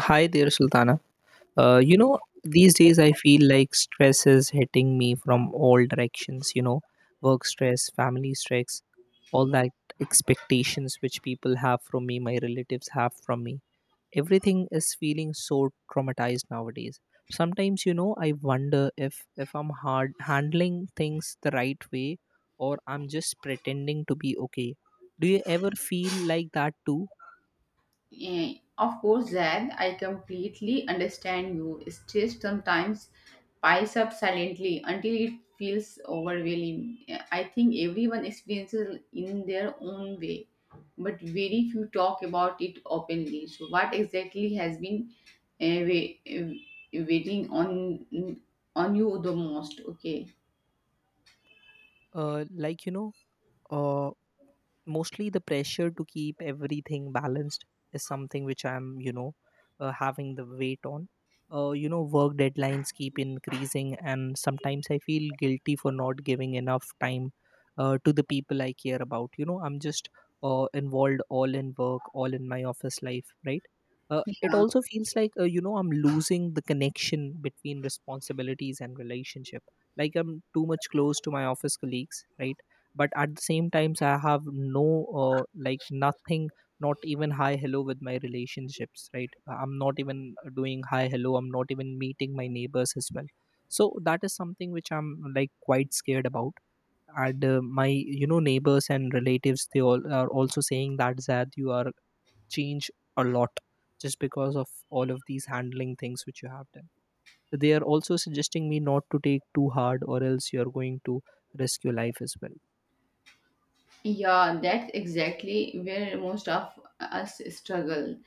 Hi there, Sultana. These days I feel like stress is hitting me from all directions, work stress, family stress, all that expectations which people have from me, my relatives have from me. Everything is feeling so traumatized nowadays. Sometimes, I wonder if I'm hard handling things the right way or I'm just pretending to be okay. Do you ever feel like that too? Of course, Zad, I completely understand you. Stress sometimes piles up silently until it feels overwhelming. I think everyone experiences in their own way, but very few talk about it openly. So, what exactly has been uh, waiting on you the most? Okay, Like, uh, mostly the pressure to keep everything balanced is something which I'm having the weight on. Work deadlines keep increasing and sometimes I feel guilty for not giving enough time to the people I care about. I'm just involved all in work, all in my office life, right? It yeah. also feels like I'm losing the connection between responsibilities and relationship. Like I'm too much close to my office colleagues, right? But at the same times I have no, like nothing, not even hi hello with my relationships, right? I'm not even doing hi hello, I'm not even meeting my neighbors as well. So that is something which I'm like quite scared about. And my neighbors and relatives, they all are also saying that Zad, you are changed a lot just because of all of these handling things which you have done. So, they are also suggesting me not to take too hard or else you're going to risk your life as well. Yeah, that's exactly where most of us struggle.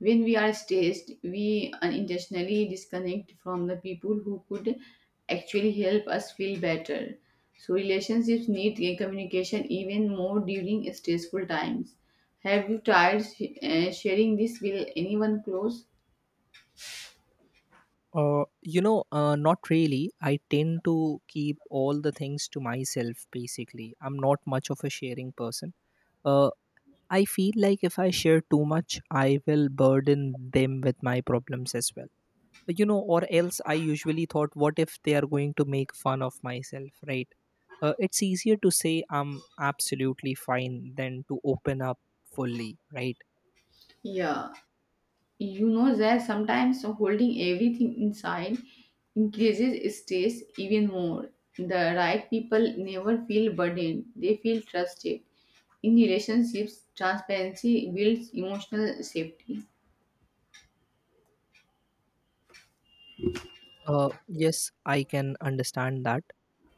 When we are stressed, we unintentionally disconnect from the people who could actually help us feel better. So, relationships need a communication even more during stressful times. Have you tried sharing this with anyone close? Not really. I tend to keep all the things to myself, basically. I'm not much of a sharing person. Uh, I feel like if I share too much, I will burden them with my problems as well. Or else I usually thought, what if they are going to make fun of myself, right? It's easier to say I'm absolutely fine than to open up fully, right? Yeah, you know that sometimes holding everything inside increases stress even more. The right people never feel burdened, they feel trusted. In relationships, transparency builds emotional safety. Yes, I can understand that.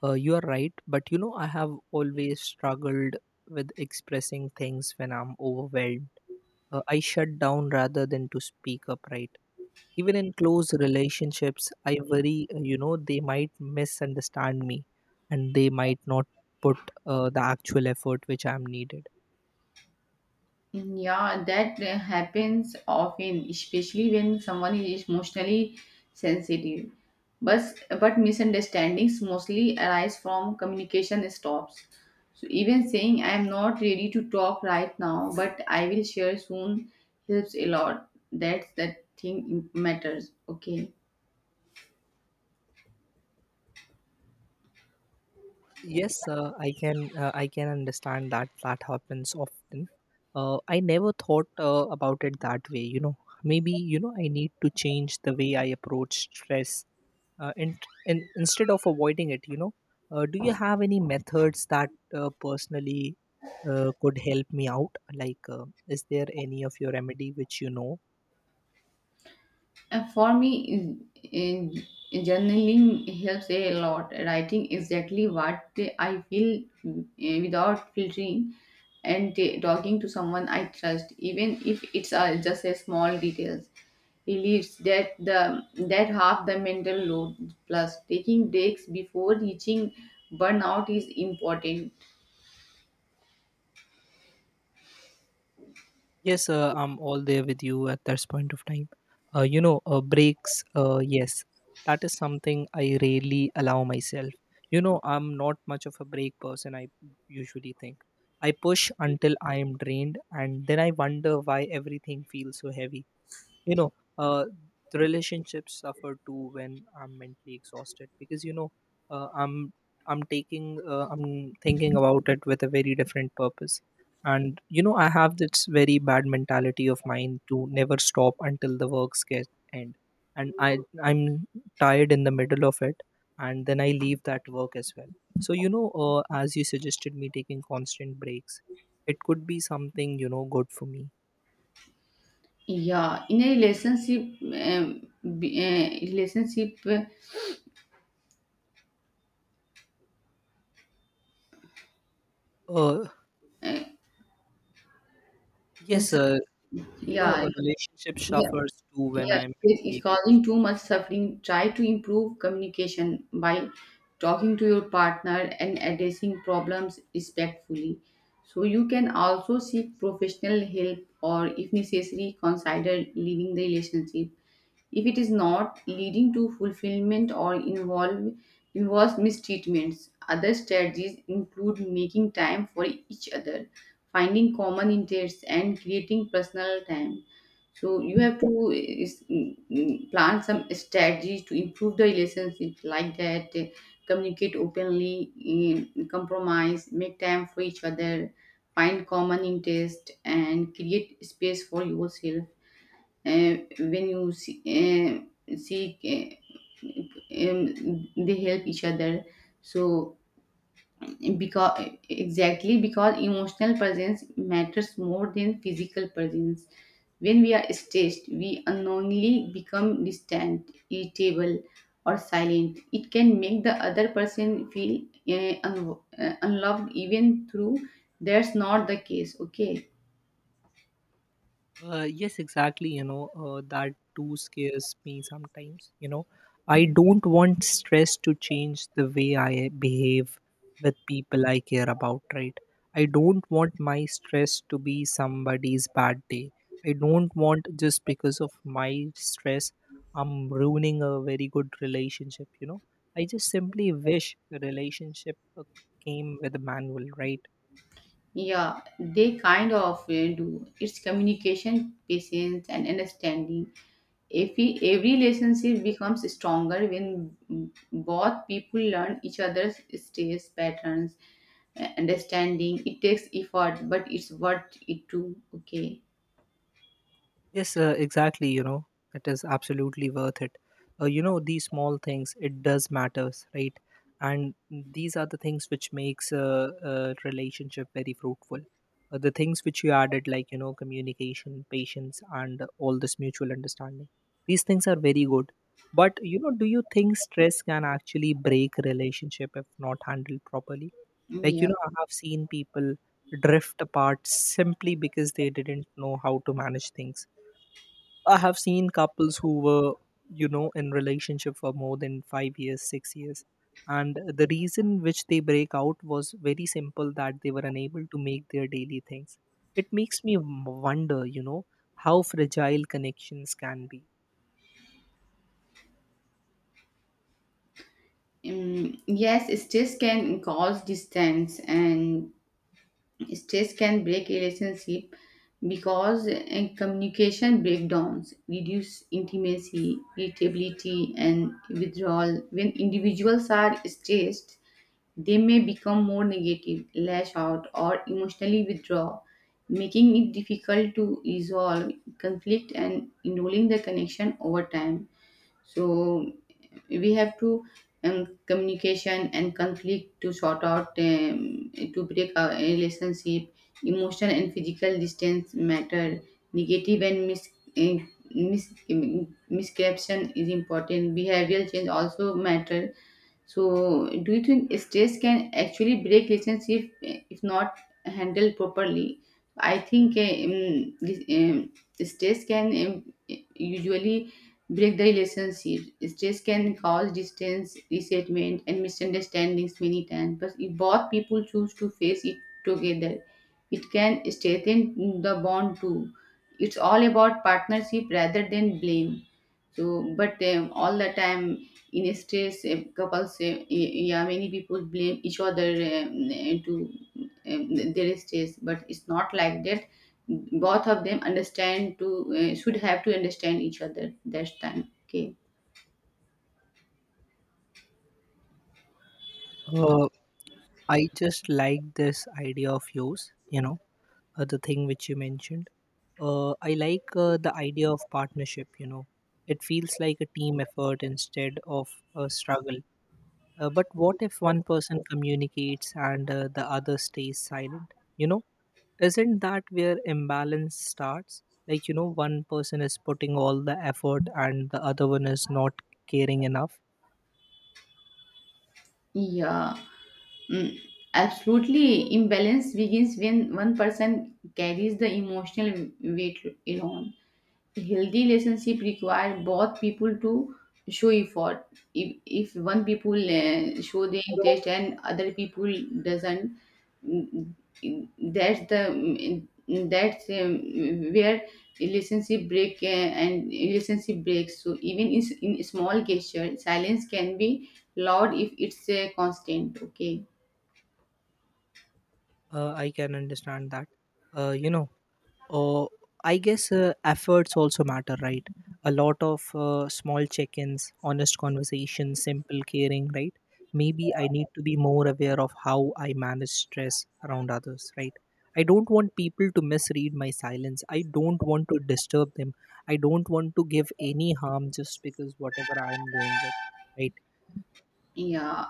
You are right, but I have always struggled with expressing things when I'm overwhelmed. I shut down rather than to speak up, right? Even in close relationships, I worry, they might misunderstand me and they might not put the actual effort which I'm needed. Yeah, that happens often, especially when someone is emotionally sensitive. But misunderstandings mostly arise from communication stops. So even saying I am not ready to talk right now, but I will share soon helps a lot. That's the thing matters. Okay. Yes, I can. I can understand that that happens often. I never thought about it that way. Maybe I need to change the way I approach stress. Uh, and, and instead of avoiding it, do you have any methods that personally could help me out? Like, is there any of your remedy which. For me, in, journaling helps a lot. Writing exactly what I feel without filtering and talking to someone I trust, even if it's just a small details. Relieves that the that half the mental load plus taking breaks before reaching burnout is important. Yes, I'm all there with you at that point of time. Breaks, yes, that is something I rarely allow myself. I'm not much of a break person, I usually think. I push until I am drained, and then I wonder why everything feels so heavy. You know uh, the relationships suffer too when I'm mentally exhausted, because uh, i'm I'm taking, I'm thinking about it with a very different purpose. And I have this very bad mentality of mine to never stop until the works get end. And I'm tired in the middle of it, and then I leave that work as well. So as you suggested me taking constant breaks, it could be something good for me. Yeah, in a relationship, relationship, uh, uh, Yes, some- yeah, a relationship yeah. suffers too when Yeah, I'm it is mentally causing exhausted. too much suffering. Try to improve communication by talking to your partner and addressing problems respectfully. So you can also seek professional help or if necessary consider leaving the relationship if it is not leading to fulfillment or involves mistreatments. Other strategies include making time for each other, finding common interests, and creating personal time. So you have to is, plan some strategies to improve the relationship like that. Communicate openly, compromise, make time for each other, find common interest, and create space for yourself when you see, seek they help each other, so because exactly because emotional presence matters more than physical presence. When we are stressed, we unknowingly become distant, irritable, or silent. It can make the other person feel unloved, even through that's not the case. Okay. Yes, exactly. That too scares me sometimes. I don't want stress to change the way I behave with people I care about, right? I don't want my stress to be somebody's bad day. I don't want, just because of my stress, I'm ruining a very good relationship. I just simply wish the relationship came with a manual, right? Yeah, they kind of do. It's communication, patience, and understanding. If we, every relationship becomes stronger when both people learn each other's stress patterns, understanding. It takes effort, but it's worth it too. Okay. Yes, exactly. It is absolutely worth it. These small things, it does matters, right? And these are the things which makes a relationship very fruitful. The things which you added, like communication, patience, and all this mutual understanding. These things are very good. But do you think stress can actually break relationship if not handled properly? Like Yeah. I have seen people drift apart simply because they didn't know how to manage things. I have seen couples who were, in relationship for more than 5 years, 6 years. And the reason which they break out was very simple that they were unable to make their daily things. It makes me wonder, how fragile connections can be. Yes, stress can cause distance and stress can break relationship, because communication breakdowns reduce intimacy, irritability, and withdrawal. When individuals are stressed, they may become more negative, lash out, or emotionally withdraw, making it difficult to resolve conflict and enrolling the connection over time. So we have to, communication and conflict to sort out, to break our relationship. Emotional and physical distance matter, negative and eh, mis misconception is important, behavioral change also matter. So, do you think stress can actually break relationship if not handled properly? I think, stress can, usually break the relationship. Stress can cause distance, resentment, and misunderstandings many times. But if both people choose to face it together, it can strengthen the bond too. It's all about partnership rather than blame. So, but all the time in a stress, couples, yeah, many people blame each other to their stress, but it's not like that. Both of them understand to should have to understand each other. That's time. Okay. Uh, I just like this idea of yours, the thing which you mentioned. I like the idea of partnership. It feels like a team effort instead of a struggle. But what if one person communicates and the other stays silent? Isn't that where imbalance starts? Like, one person is putting all the effort and the other one is not caring enough. Yeah. Mm, Absolutely. Imbalance begins when one person carries the emotional weight alone. Healthy relationship require both people to show effort. If one people show the interest and other people doesn't, mm, that's the mm, that's where relationship break and relationship breaks. So even in, in small gesture, silence can be loud if it's constant. Okay. I can understand that. Uh, you know, Oh, I guess efforts also matter, right? A lot of small check ins, honest conversations, simple caring, right? Maybe I need to be more aware of how I manage stress around others, right? I don't want people to misread my silence. I don't want to disturb them. I don't want to give any harm just because whatever I'm going with, right? Yeah,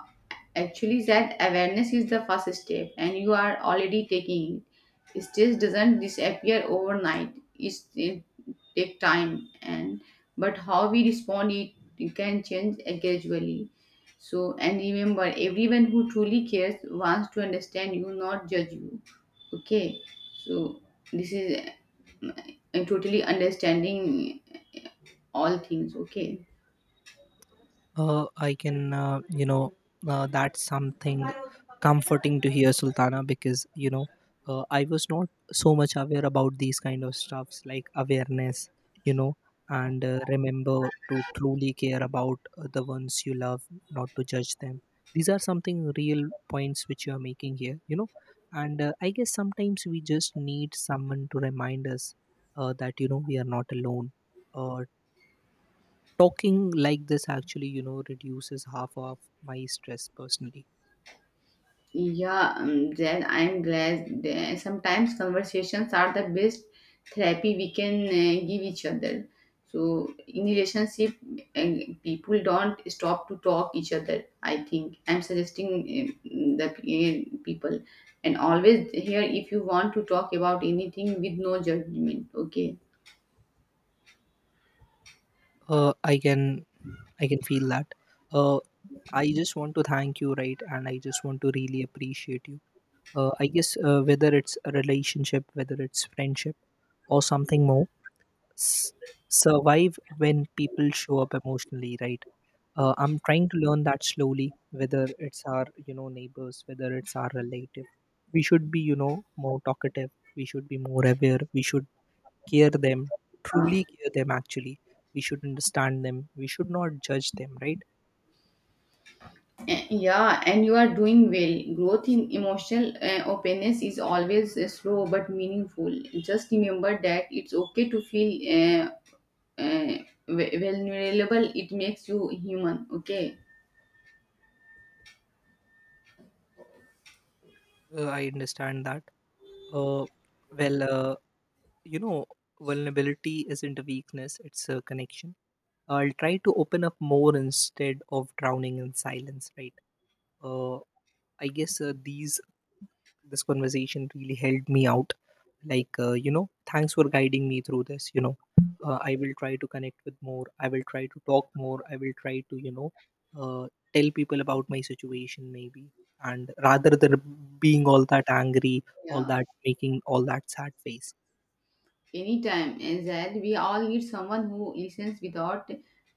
actually, that awareness is the first step, and you are already taking it. Stress doesn't disappear overnight. It take time, and but how we respond it, it can change gradually. So, and remember, everyone who truly cares wants to understand you, not judge you. Okay, so this is uh, totally understanding all things. Okay. I can, that's something comforting to hear, Sultana, because, I was not so much aware about these kind of stuffs like awareness, you know, and remember to truly care about the ones you love, not to judge them. These are something real points which you are making here, and I guess sometimes we just need someone to remind us that, we are not alone. Uh, talking like this actually reduces half of my stress personally. Yeah, Jen, I'm glad that sometimes conversations are the best therapy we can give each other. So in relationship, uh, people don't stop to talk each other. I think I'm suggesting the people, and always here if you want to talk about anything with no judgment. Okay. uh, i can I can feel that. uh, I just want to thank you, right, and I just want to really appreciate you. I guess whether it's a relationship, whether it's friendship or something more, s- survive when people show up emotionally, right. I'm trying to learn that slowly, whether it's our neighbors, whether it's our relative, we should be more talkative, we should be more aware, we should care them, Uh, truly care them actually. We should understand them. We should not judge them, right? Yeah, and you are doing well. Growth in emotional openness is always slow but meaningful. Just remember that it's okay to feel uh, vulnerable. It makes you human. Okay. I understand that. Uh, well, you know, vulnerability isn't a weakness, it's a connection. I'll try to open up more instead of drowning in silence, right? Uh, I guess these this conversation really helped me out, like thanks for guiding me through this. I will try to connect with more, I will try to talk more, I will try to uh, tell people about my situation, maybe, and rather than being all that angry, all Yeah. that making all that sad face. Anytime, and that we all need someone who listens without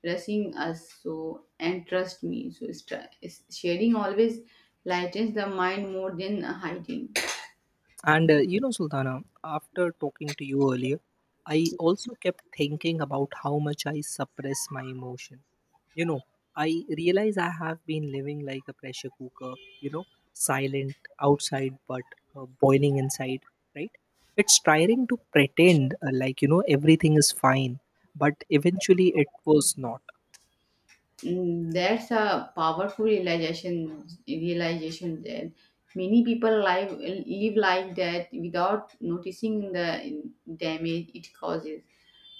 rushing us. So and trust me. So it's sharing always lightens the mind more than hiding. And Sultana, after talking to you earlier, I also kept thinking about how much I suppress my emotion. You know, I realize I have been living like a pressure cooker, silent outside but boiling inside, right? It's trying to pretend like, everything is fine, but eventually it was not. Mm, that's a powerful realization. Realization that many people live like that without noticing the damage it causes.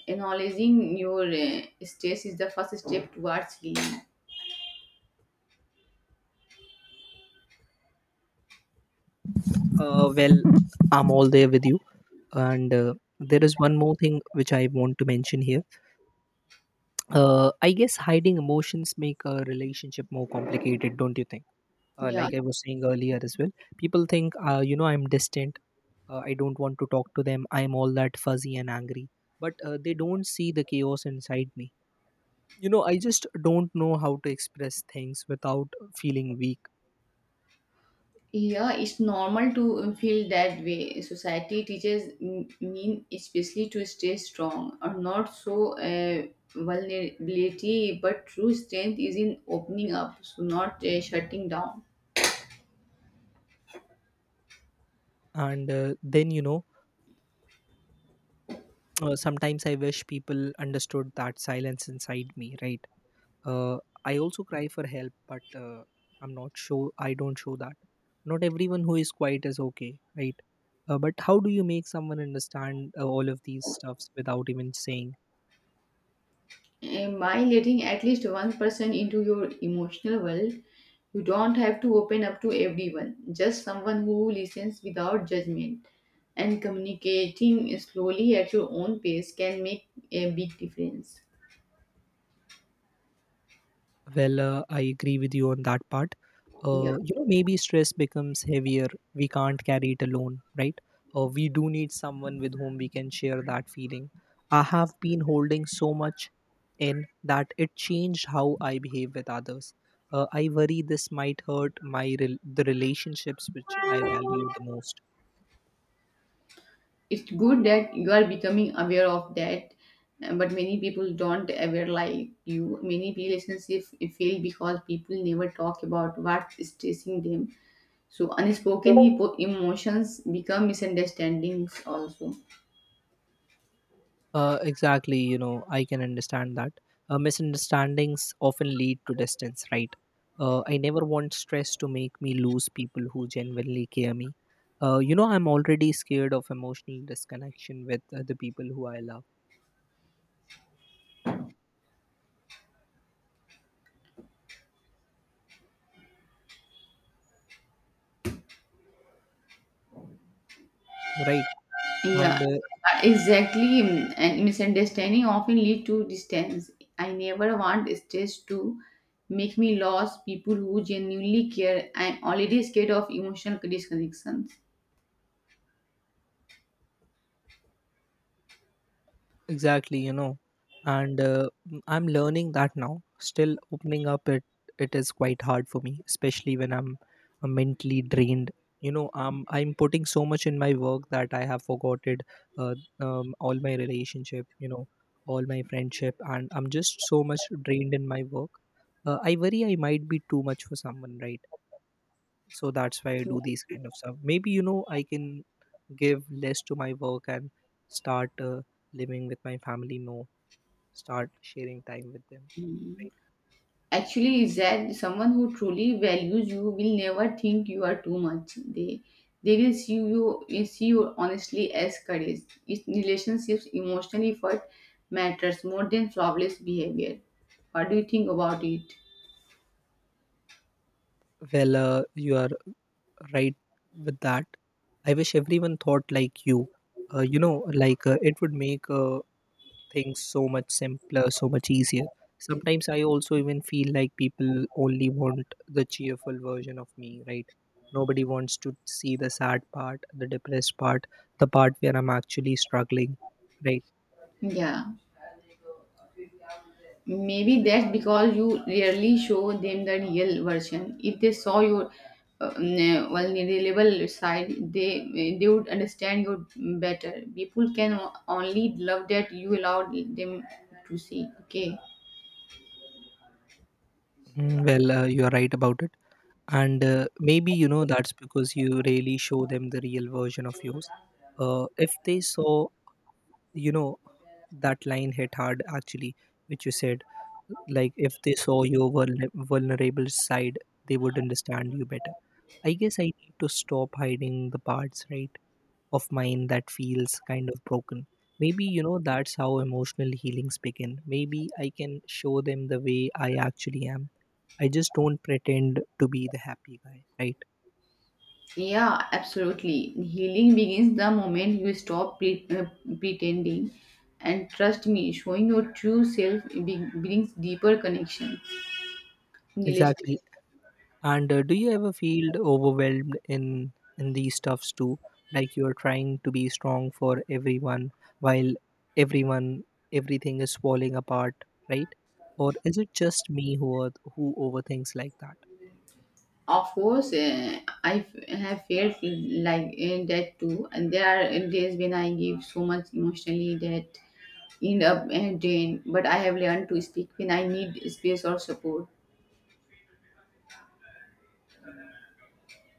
Acknowledging your stress is the first step towards healing. Well, I'm all there with you. And there is one more thing which I want to mention here. I guess hiding emotions make a relationship more complicated, don't you think? Yeah, Like I was saying earlier as well, people think I'm distant, I don't want to talk to them, I'm all that fuzzy and angry. But they don't see the chaos inside me. I just don't know how to express things without feeling weak. yeah, it's normal to feel that way. Society teaches mean especially to stay strong or not so. Vulnerability, but true strength is in opening up, so not shutting down. And then sometimes I wish people understood that silence inside me, right. Uh, I also cry for help, but I'm not sure. I don't show that. Not everyone who is quiet is okay, right? But how do you make someone understand all of these stuffs without even saying? And by letting at least one person into your emotional world, you don't have to open up to everyone, just someone who listens without judgment. And communicating slowly at your own pace can make a big difference. Well, I agree with you on that part. Yeah, Maybe stress becomes heavier. We can't carry it alone, right? We do need someone with whom we can share that feeling. I have been holding so much in that it changed how I behave with others. I worry this might hurt my the relationships which I value the most. it's good that you are becoming aware of that, but many people don't aware like you. Many relationships fail because people never talk about what's stressing them. So unspoken hippo emotions become misunderstandings also. Exactly, I can understand that. Misunderstandings often lead to distance, right? I never want stress to make me lose people who genuinely care me. I'm already scared of emotional disconnection with the people who I love, right? Yeah, And exactly. And misunderstanding often lead to distance. I never want stress to make me lose people who genuinely care. I'm already scared of emotional disconnections. Exactly, you know, and I'm learning that now. Still, opening up it is quite hard for me, especially when I'm mentally drained. You know, I'm putting so much in my work that I have forgotten uh, all my relationship. You know, all my friendship, and I'm just so much drained in my work. I worry I might be too much for someone, right? So that's why I do these kind of stuff. Maybe you know I can give less to my work and start living with my family more, start sharing time with them, Yeah. right. Actually, is that someone who truly values you will never think you are too much. They will see, you will see you honestly as courage. In relationships, emotional effort matters more than flawless behavior. What do you think about it? Well, you are right with that. I wish everyone thought like you. You know like It would make things so much simpler, so much easier. Sometimes I also even feel like people only want the cheerful version of me, right? Nobody wants to see the sad part, the depressed part, the part where I'm actually struggling, right? Yeah. Maybe that's because you rarely show them the real version. If they saw your vulnerable side, they would understand you better. People can only love that you allowed them to see. Okay. Mm, well, you are right about it. And maybe you know that's because you really show them the real version of yours. If they saw, you know, that line hit hard actually, which you said, like if they saw your vulnerable side, they would understand you better. I guess I need to stop hiding the parts, right, of mine that feels kind of broken. Maybe, you know, that's how emotional healings begin. Maybe I can show them the way I actually am. I just don't pretend to be the happy guy, right? Yeah, absolutely. Healing begins the moment you stop pretending. And trust me, showing your true self brings deeper connection, relation. Exactly. And do you ever feel overwhelmed in these stuffs too? Like you're trying to be strong for everyone while everyone everything is falling apart, right? Or is it just me who are, who overthinks like that? Of course, I have felt like that too. And there are days when I give so much emotionally that end up drained. But I have learned to speak when I need space or support.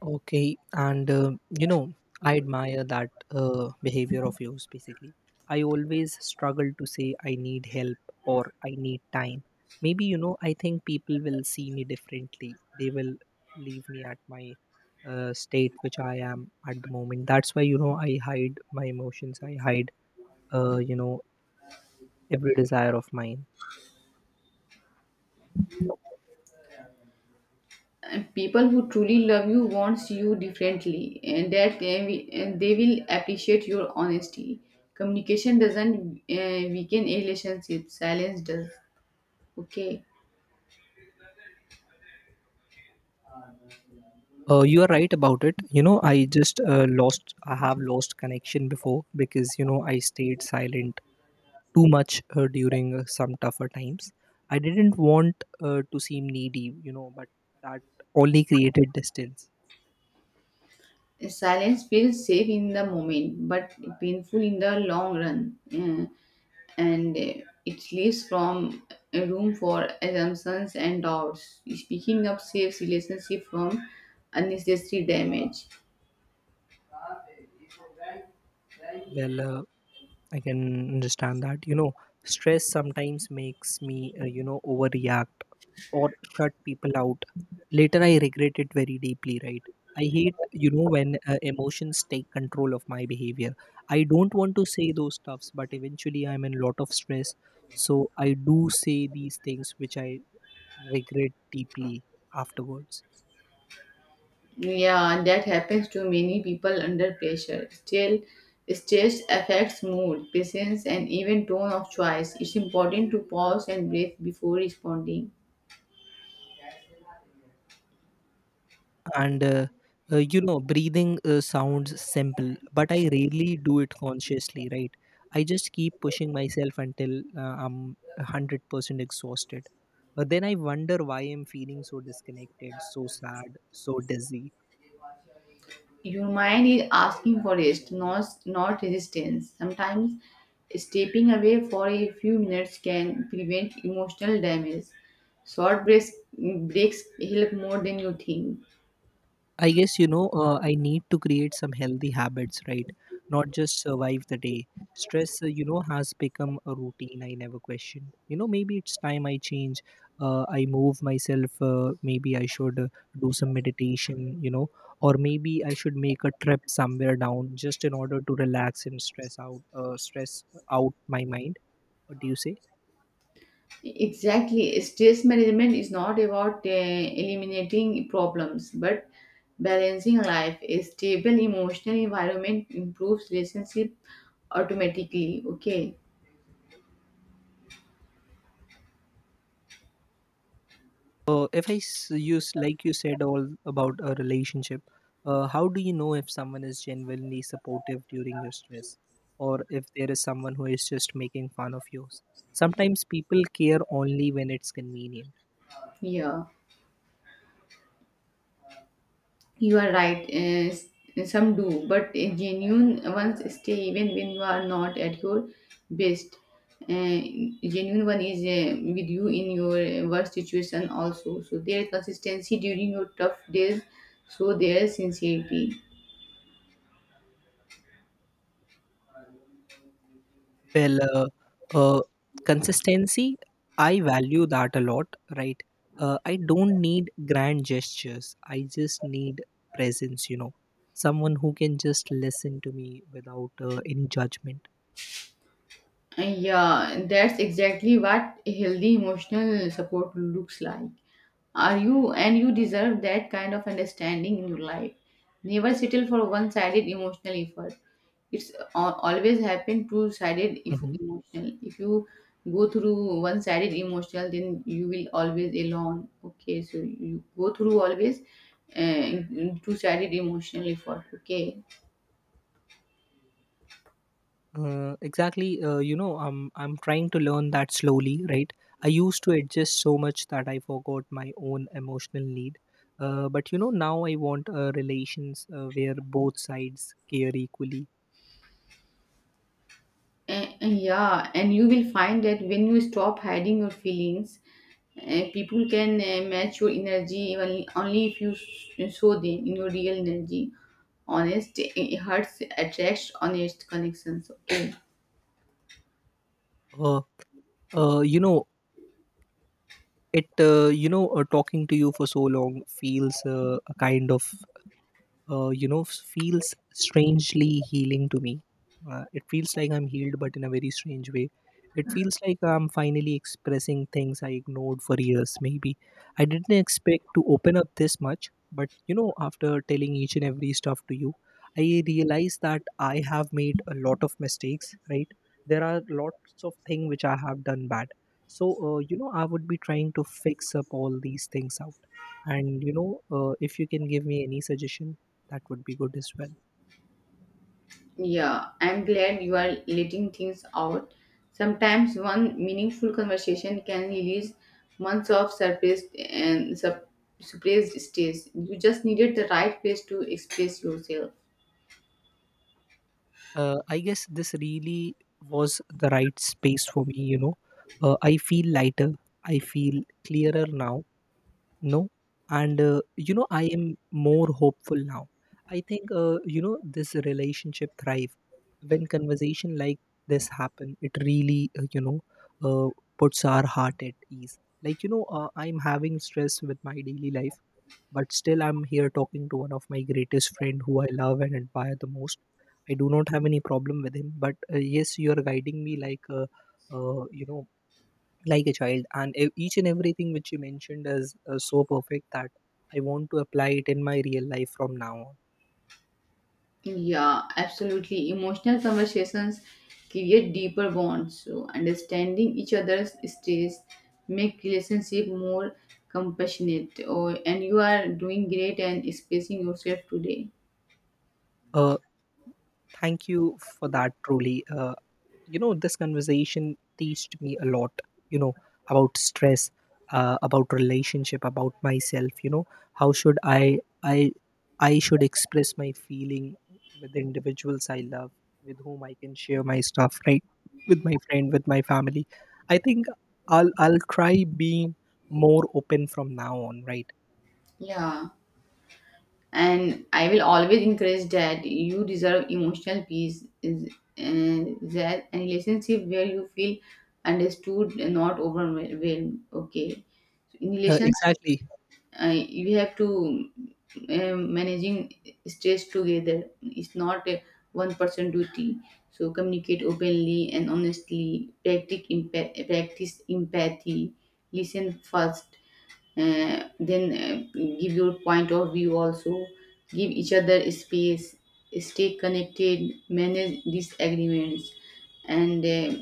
Okay, and you know, I admire that behavior of yours basically. I always struggle to say I need help or I need time. Maybe, you know, I think people will see me differently. They will leave me at my state, which I am at the moment. That's why, you know, I hide my emotions, I hide, uh, you know, every desire of mine. And people who truly love you wants you differently, and that they will, and they will appreciate your honesty. Communication doesn't weaken a relationship. Silence does. Okay. You are right about it. You know, I just I have lost connection before because, you know, I stayed silent too much during some tougher times. I didn't want to seem needy, you know, but that only created distance. Silence feels safe in the moment, but painful in the long run. And it leaves from room for assumptions and doubts. Speaking up saves relationship from unnecessary damage. Well, I can understand that, you know, stress sometimes makes me, overreact or shut people out. Later, I regret it very deeply, right? I hate, you know, when emotions take control of my behavior. I don't want to say those stuffs, but eventually I'm in a lot of stress. So I do say these things which I regret deeply afterwards. Yeah, that happens to many people under pressure. Still, stress affects mood, patience, and even tone of choice. It's important to pause and breathe before responding. And uh, Breathing sounds simple, but I rarely do it consciously, right? I just keep pushing myself until I'm 100% exhausted. But then I wonder why I'm feeling so disconnected, so sad, so dizzy. Your mind is asking for rest, not resistance. Sometimes stepping away for a few minutes can prevent emotional damage. Short breaks help more than you think. I guess you know I need to create some healthy habits, right? Not just survive the day. Stress, has become a routine I never questioned. You know, maybe it's time I change. I move myself. Maybe I should do some meditation. You know, or maybe I should make a trip somewhere down just in order to relax and stress out my mind. What do you say? Exactly. Stress management is not about eliminating problems, but balancing life. A stable emotional environment improves relationship automatically. Okay. If I use like you said all about a relationship, how do you know if someone is genuinely supportive during your stress, or if there is someone who is just making fun of you? Sometimes people care only when it's convenient. Yeah. You are right. Some do, but genuine ones stay even when you are not at your best. Uh, Genuine one is with you in your worst situation also. So their consistency during your tough days, so their sincerity. Well, uh, consistency, I value that a lot, right? I don't need grand gestures. I just need presence. You know, someone who can just listen to me without any judgment. Yeah, that's exactly what a healthy emotional support looks like. Are you, and you deserve that kind of understanding in your life. Never settle for one sided emotional effort. It's always happen two sided if Mhm. emotional. If you go through one sided emotional, then you will always alone. Okay, so you go through always uh, two sided emotional effort. Okay. Exactly. I'm trying to learn that slowly, right? I used to adjust so much that I forgot my own emotional need. But you know, now I want relations where both sides care equally. And yeah, and you will find that when you stop hiding your feelings, people can match your energy only, only if you show them in your real energy. Honest hearts attracts honest connections. Okay. Uh, you know, it. You know, Talking to you for so long feels a kind of, feels strangely healing to me. It feels like I'm healed but in a very strange way. It feels like I'm finally expressing things I ignored for years. Maybe I didn't expect to open up this much, but you know, after telling each and every stuff to you, I realize that I have made a lot of mistakes, right? There are lots of things which I have done bad. So you know, I would be trying to fix up all these things out. And you know, if you can give me any suggestion, that would be good as well. Yeah, I'm glad you are letting things out. Sometimes one meaningful conversation can release months of suppressed states. You just needed the right place to express yourself. I guess this really was the right space for me, you know. I feel lighter, I feel clearer now, no? And, I am more hopeful now. I think, this relationship thrive when conversation like this happen. It really, uh, puts our heart at ease. Like, you know, I'm having stress with my daily life, but still I'm here talking to one of my greatest friend who I love and admire the most. I do not have any problem with him, but yes, you are guiding me like a, uh, you know, like a child, and each and everything which you mentioned is so perfect that I want to apply it in my real life from now on. Yeah, absolutely. Emotional conversations create deeper bonds. So understanding each other's states make relationship more compassionate. Or and you are doing great and expressing yourself today. Uh, Thank you for that, truly. You know, this conversation teached me a lot, you know, about stress, about relationship, about myself. You know, how should I, I should express my feeling with the individuals I love, with whom I can share my stuff, right? With my friend, with my family. I think I'll try being more open from now on, right? Yeah, and I will always encourage that you deserve emotional peace. Is, and that a relationship where you feel understood and not overwhelmed. Okay. So, in relationship, Exactly. We have to managing stress together. It's not a one person duty. So communicate openly and honestly, practice practice empathy, listen first, then give your point of view also, give each other space, stay connected, manage disagreements, and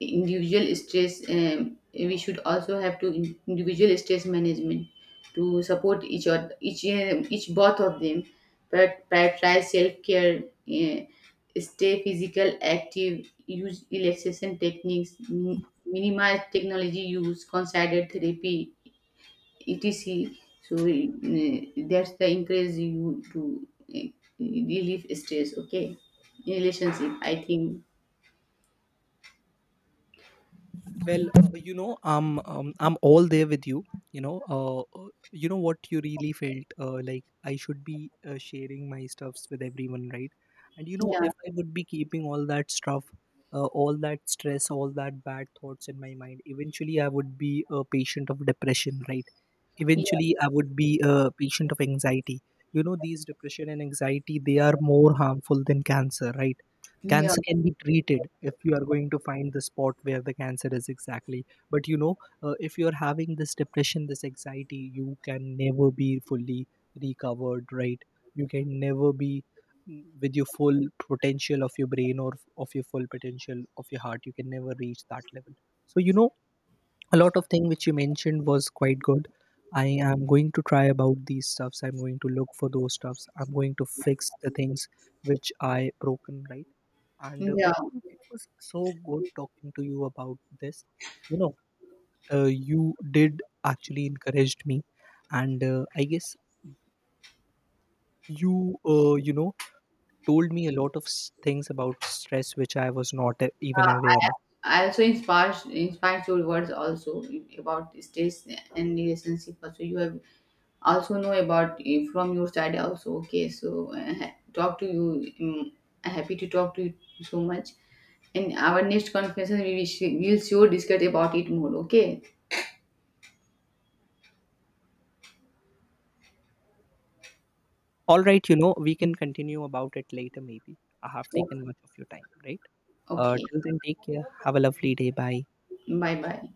individual stress, we should also have to individual stress management to support each other, each both of them, but prioritize self-care. uh, Stay physical active, use relaxation techniques, minimize technology use, consider therapy, etc. So that's the encourage you to uh, relieve stress. Okay. In relationship, I think, Well, I'm all there with you. You know, what you really felt, like I should be sharing my stuffs with everyone, right? And you know, yeah, if I would be keeping all that stuff, all that stress, all that bad thoughts in my mind, eventually I would be a patient of depression, right? yeah, Eventually I would be a patient of anxiety. You know, these depression and anxiety they are more harmful than cancer, right? yeah, Cancer can be treated if you are going to find the spot where the cancer is exactly. But you know, if you are having this depression, this anxiety, you can never be fully recovered, right? You can never be with your full potential of your brain, or of your full potential of your heart. You can never reach that level. So, you know, a lot of thing which you mentioned was quite good. I am going to try about these stuffs. I'm going to look for those stuffs. I'm going to fix the things which I broken, right? And yeah. overall, it was so good talking to you about this. You know, you did actually encouraged me, and I guess you, told me a lot of things about stress which I was not even aware of. I also inspires your words also about states and relationship. Also, you have also know about from your side also. Okay, so talk to you. Um, Happy to talk to you so much. In our next conference, we will sure discuss about it more. Okay. All right, you know, we can continue about it later. Maybe I have taken much of your time, right? Okay. Till then, take care. Have a lovely day. Bye. Bye bye.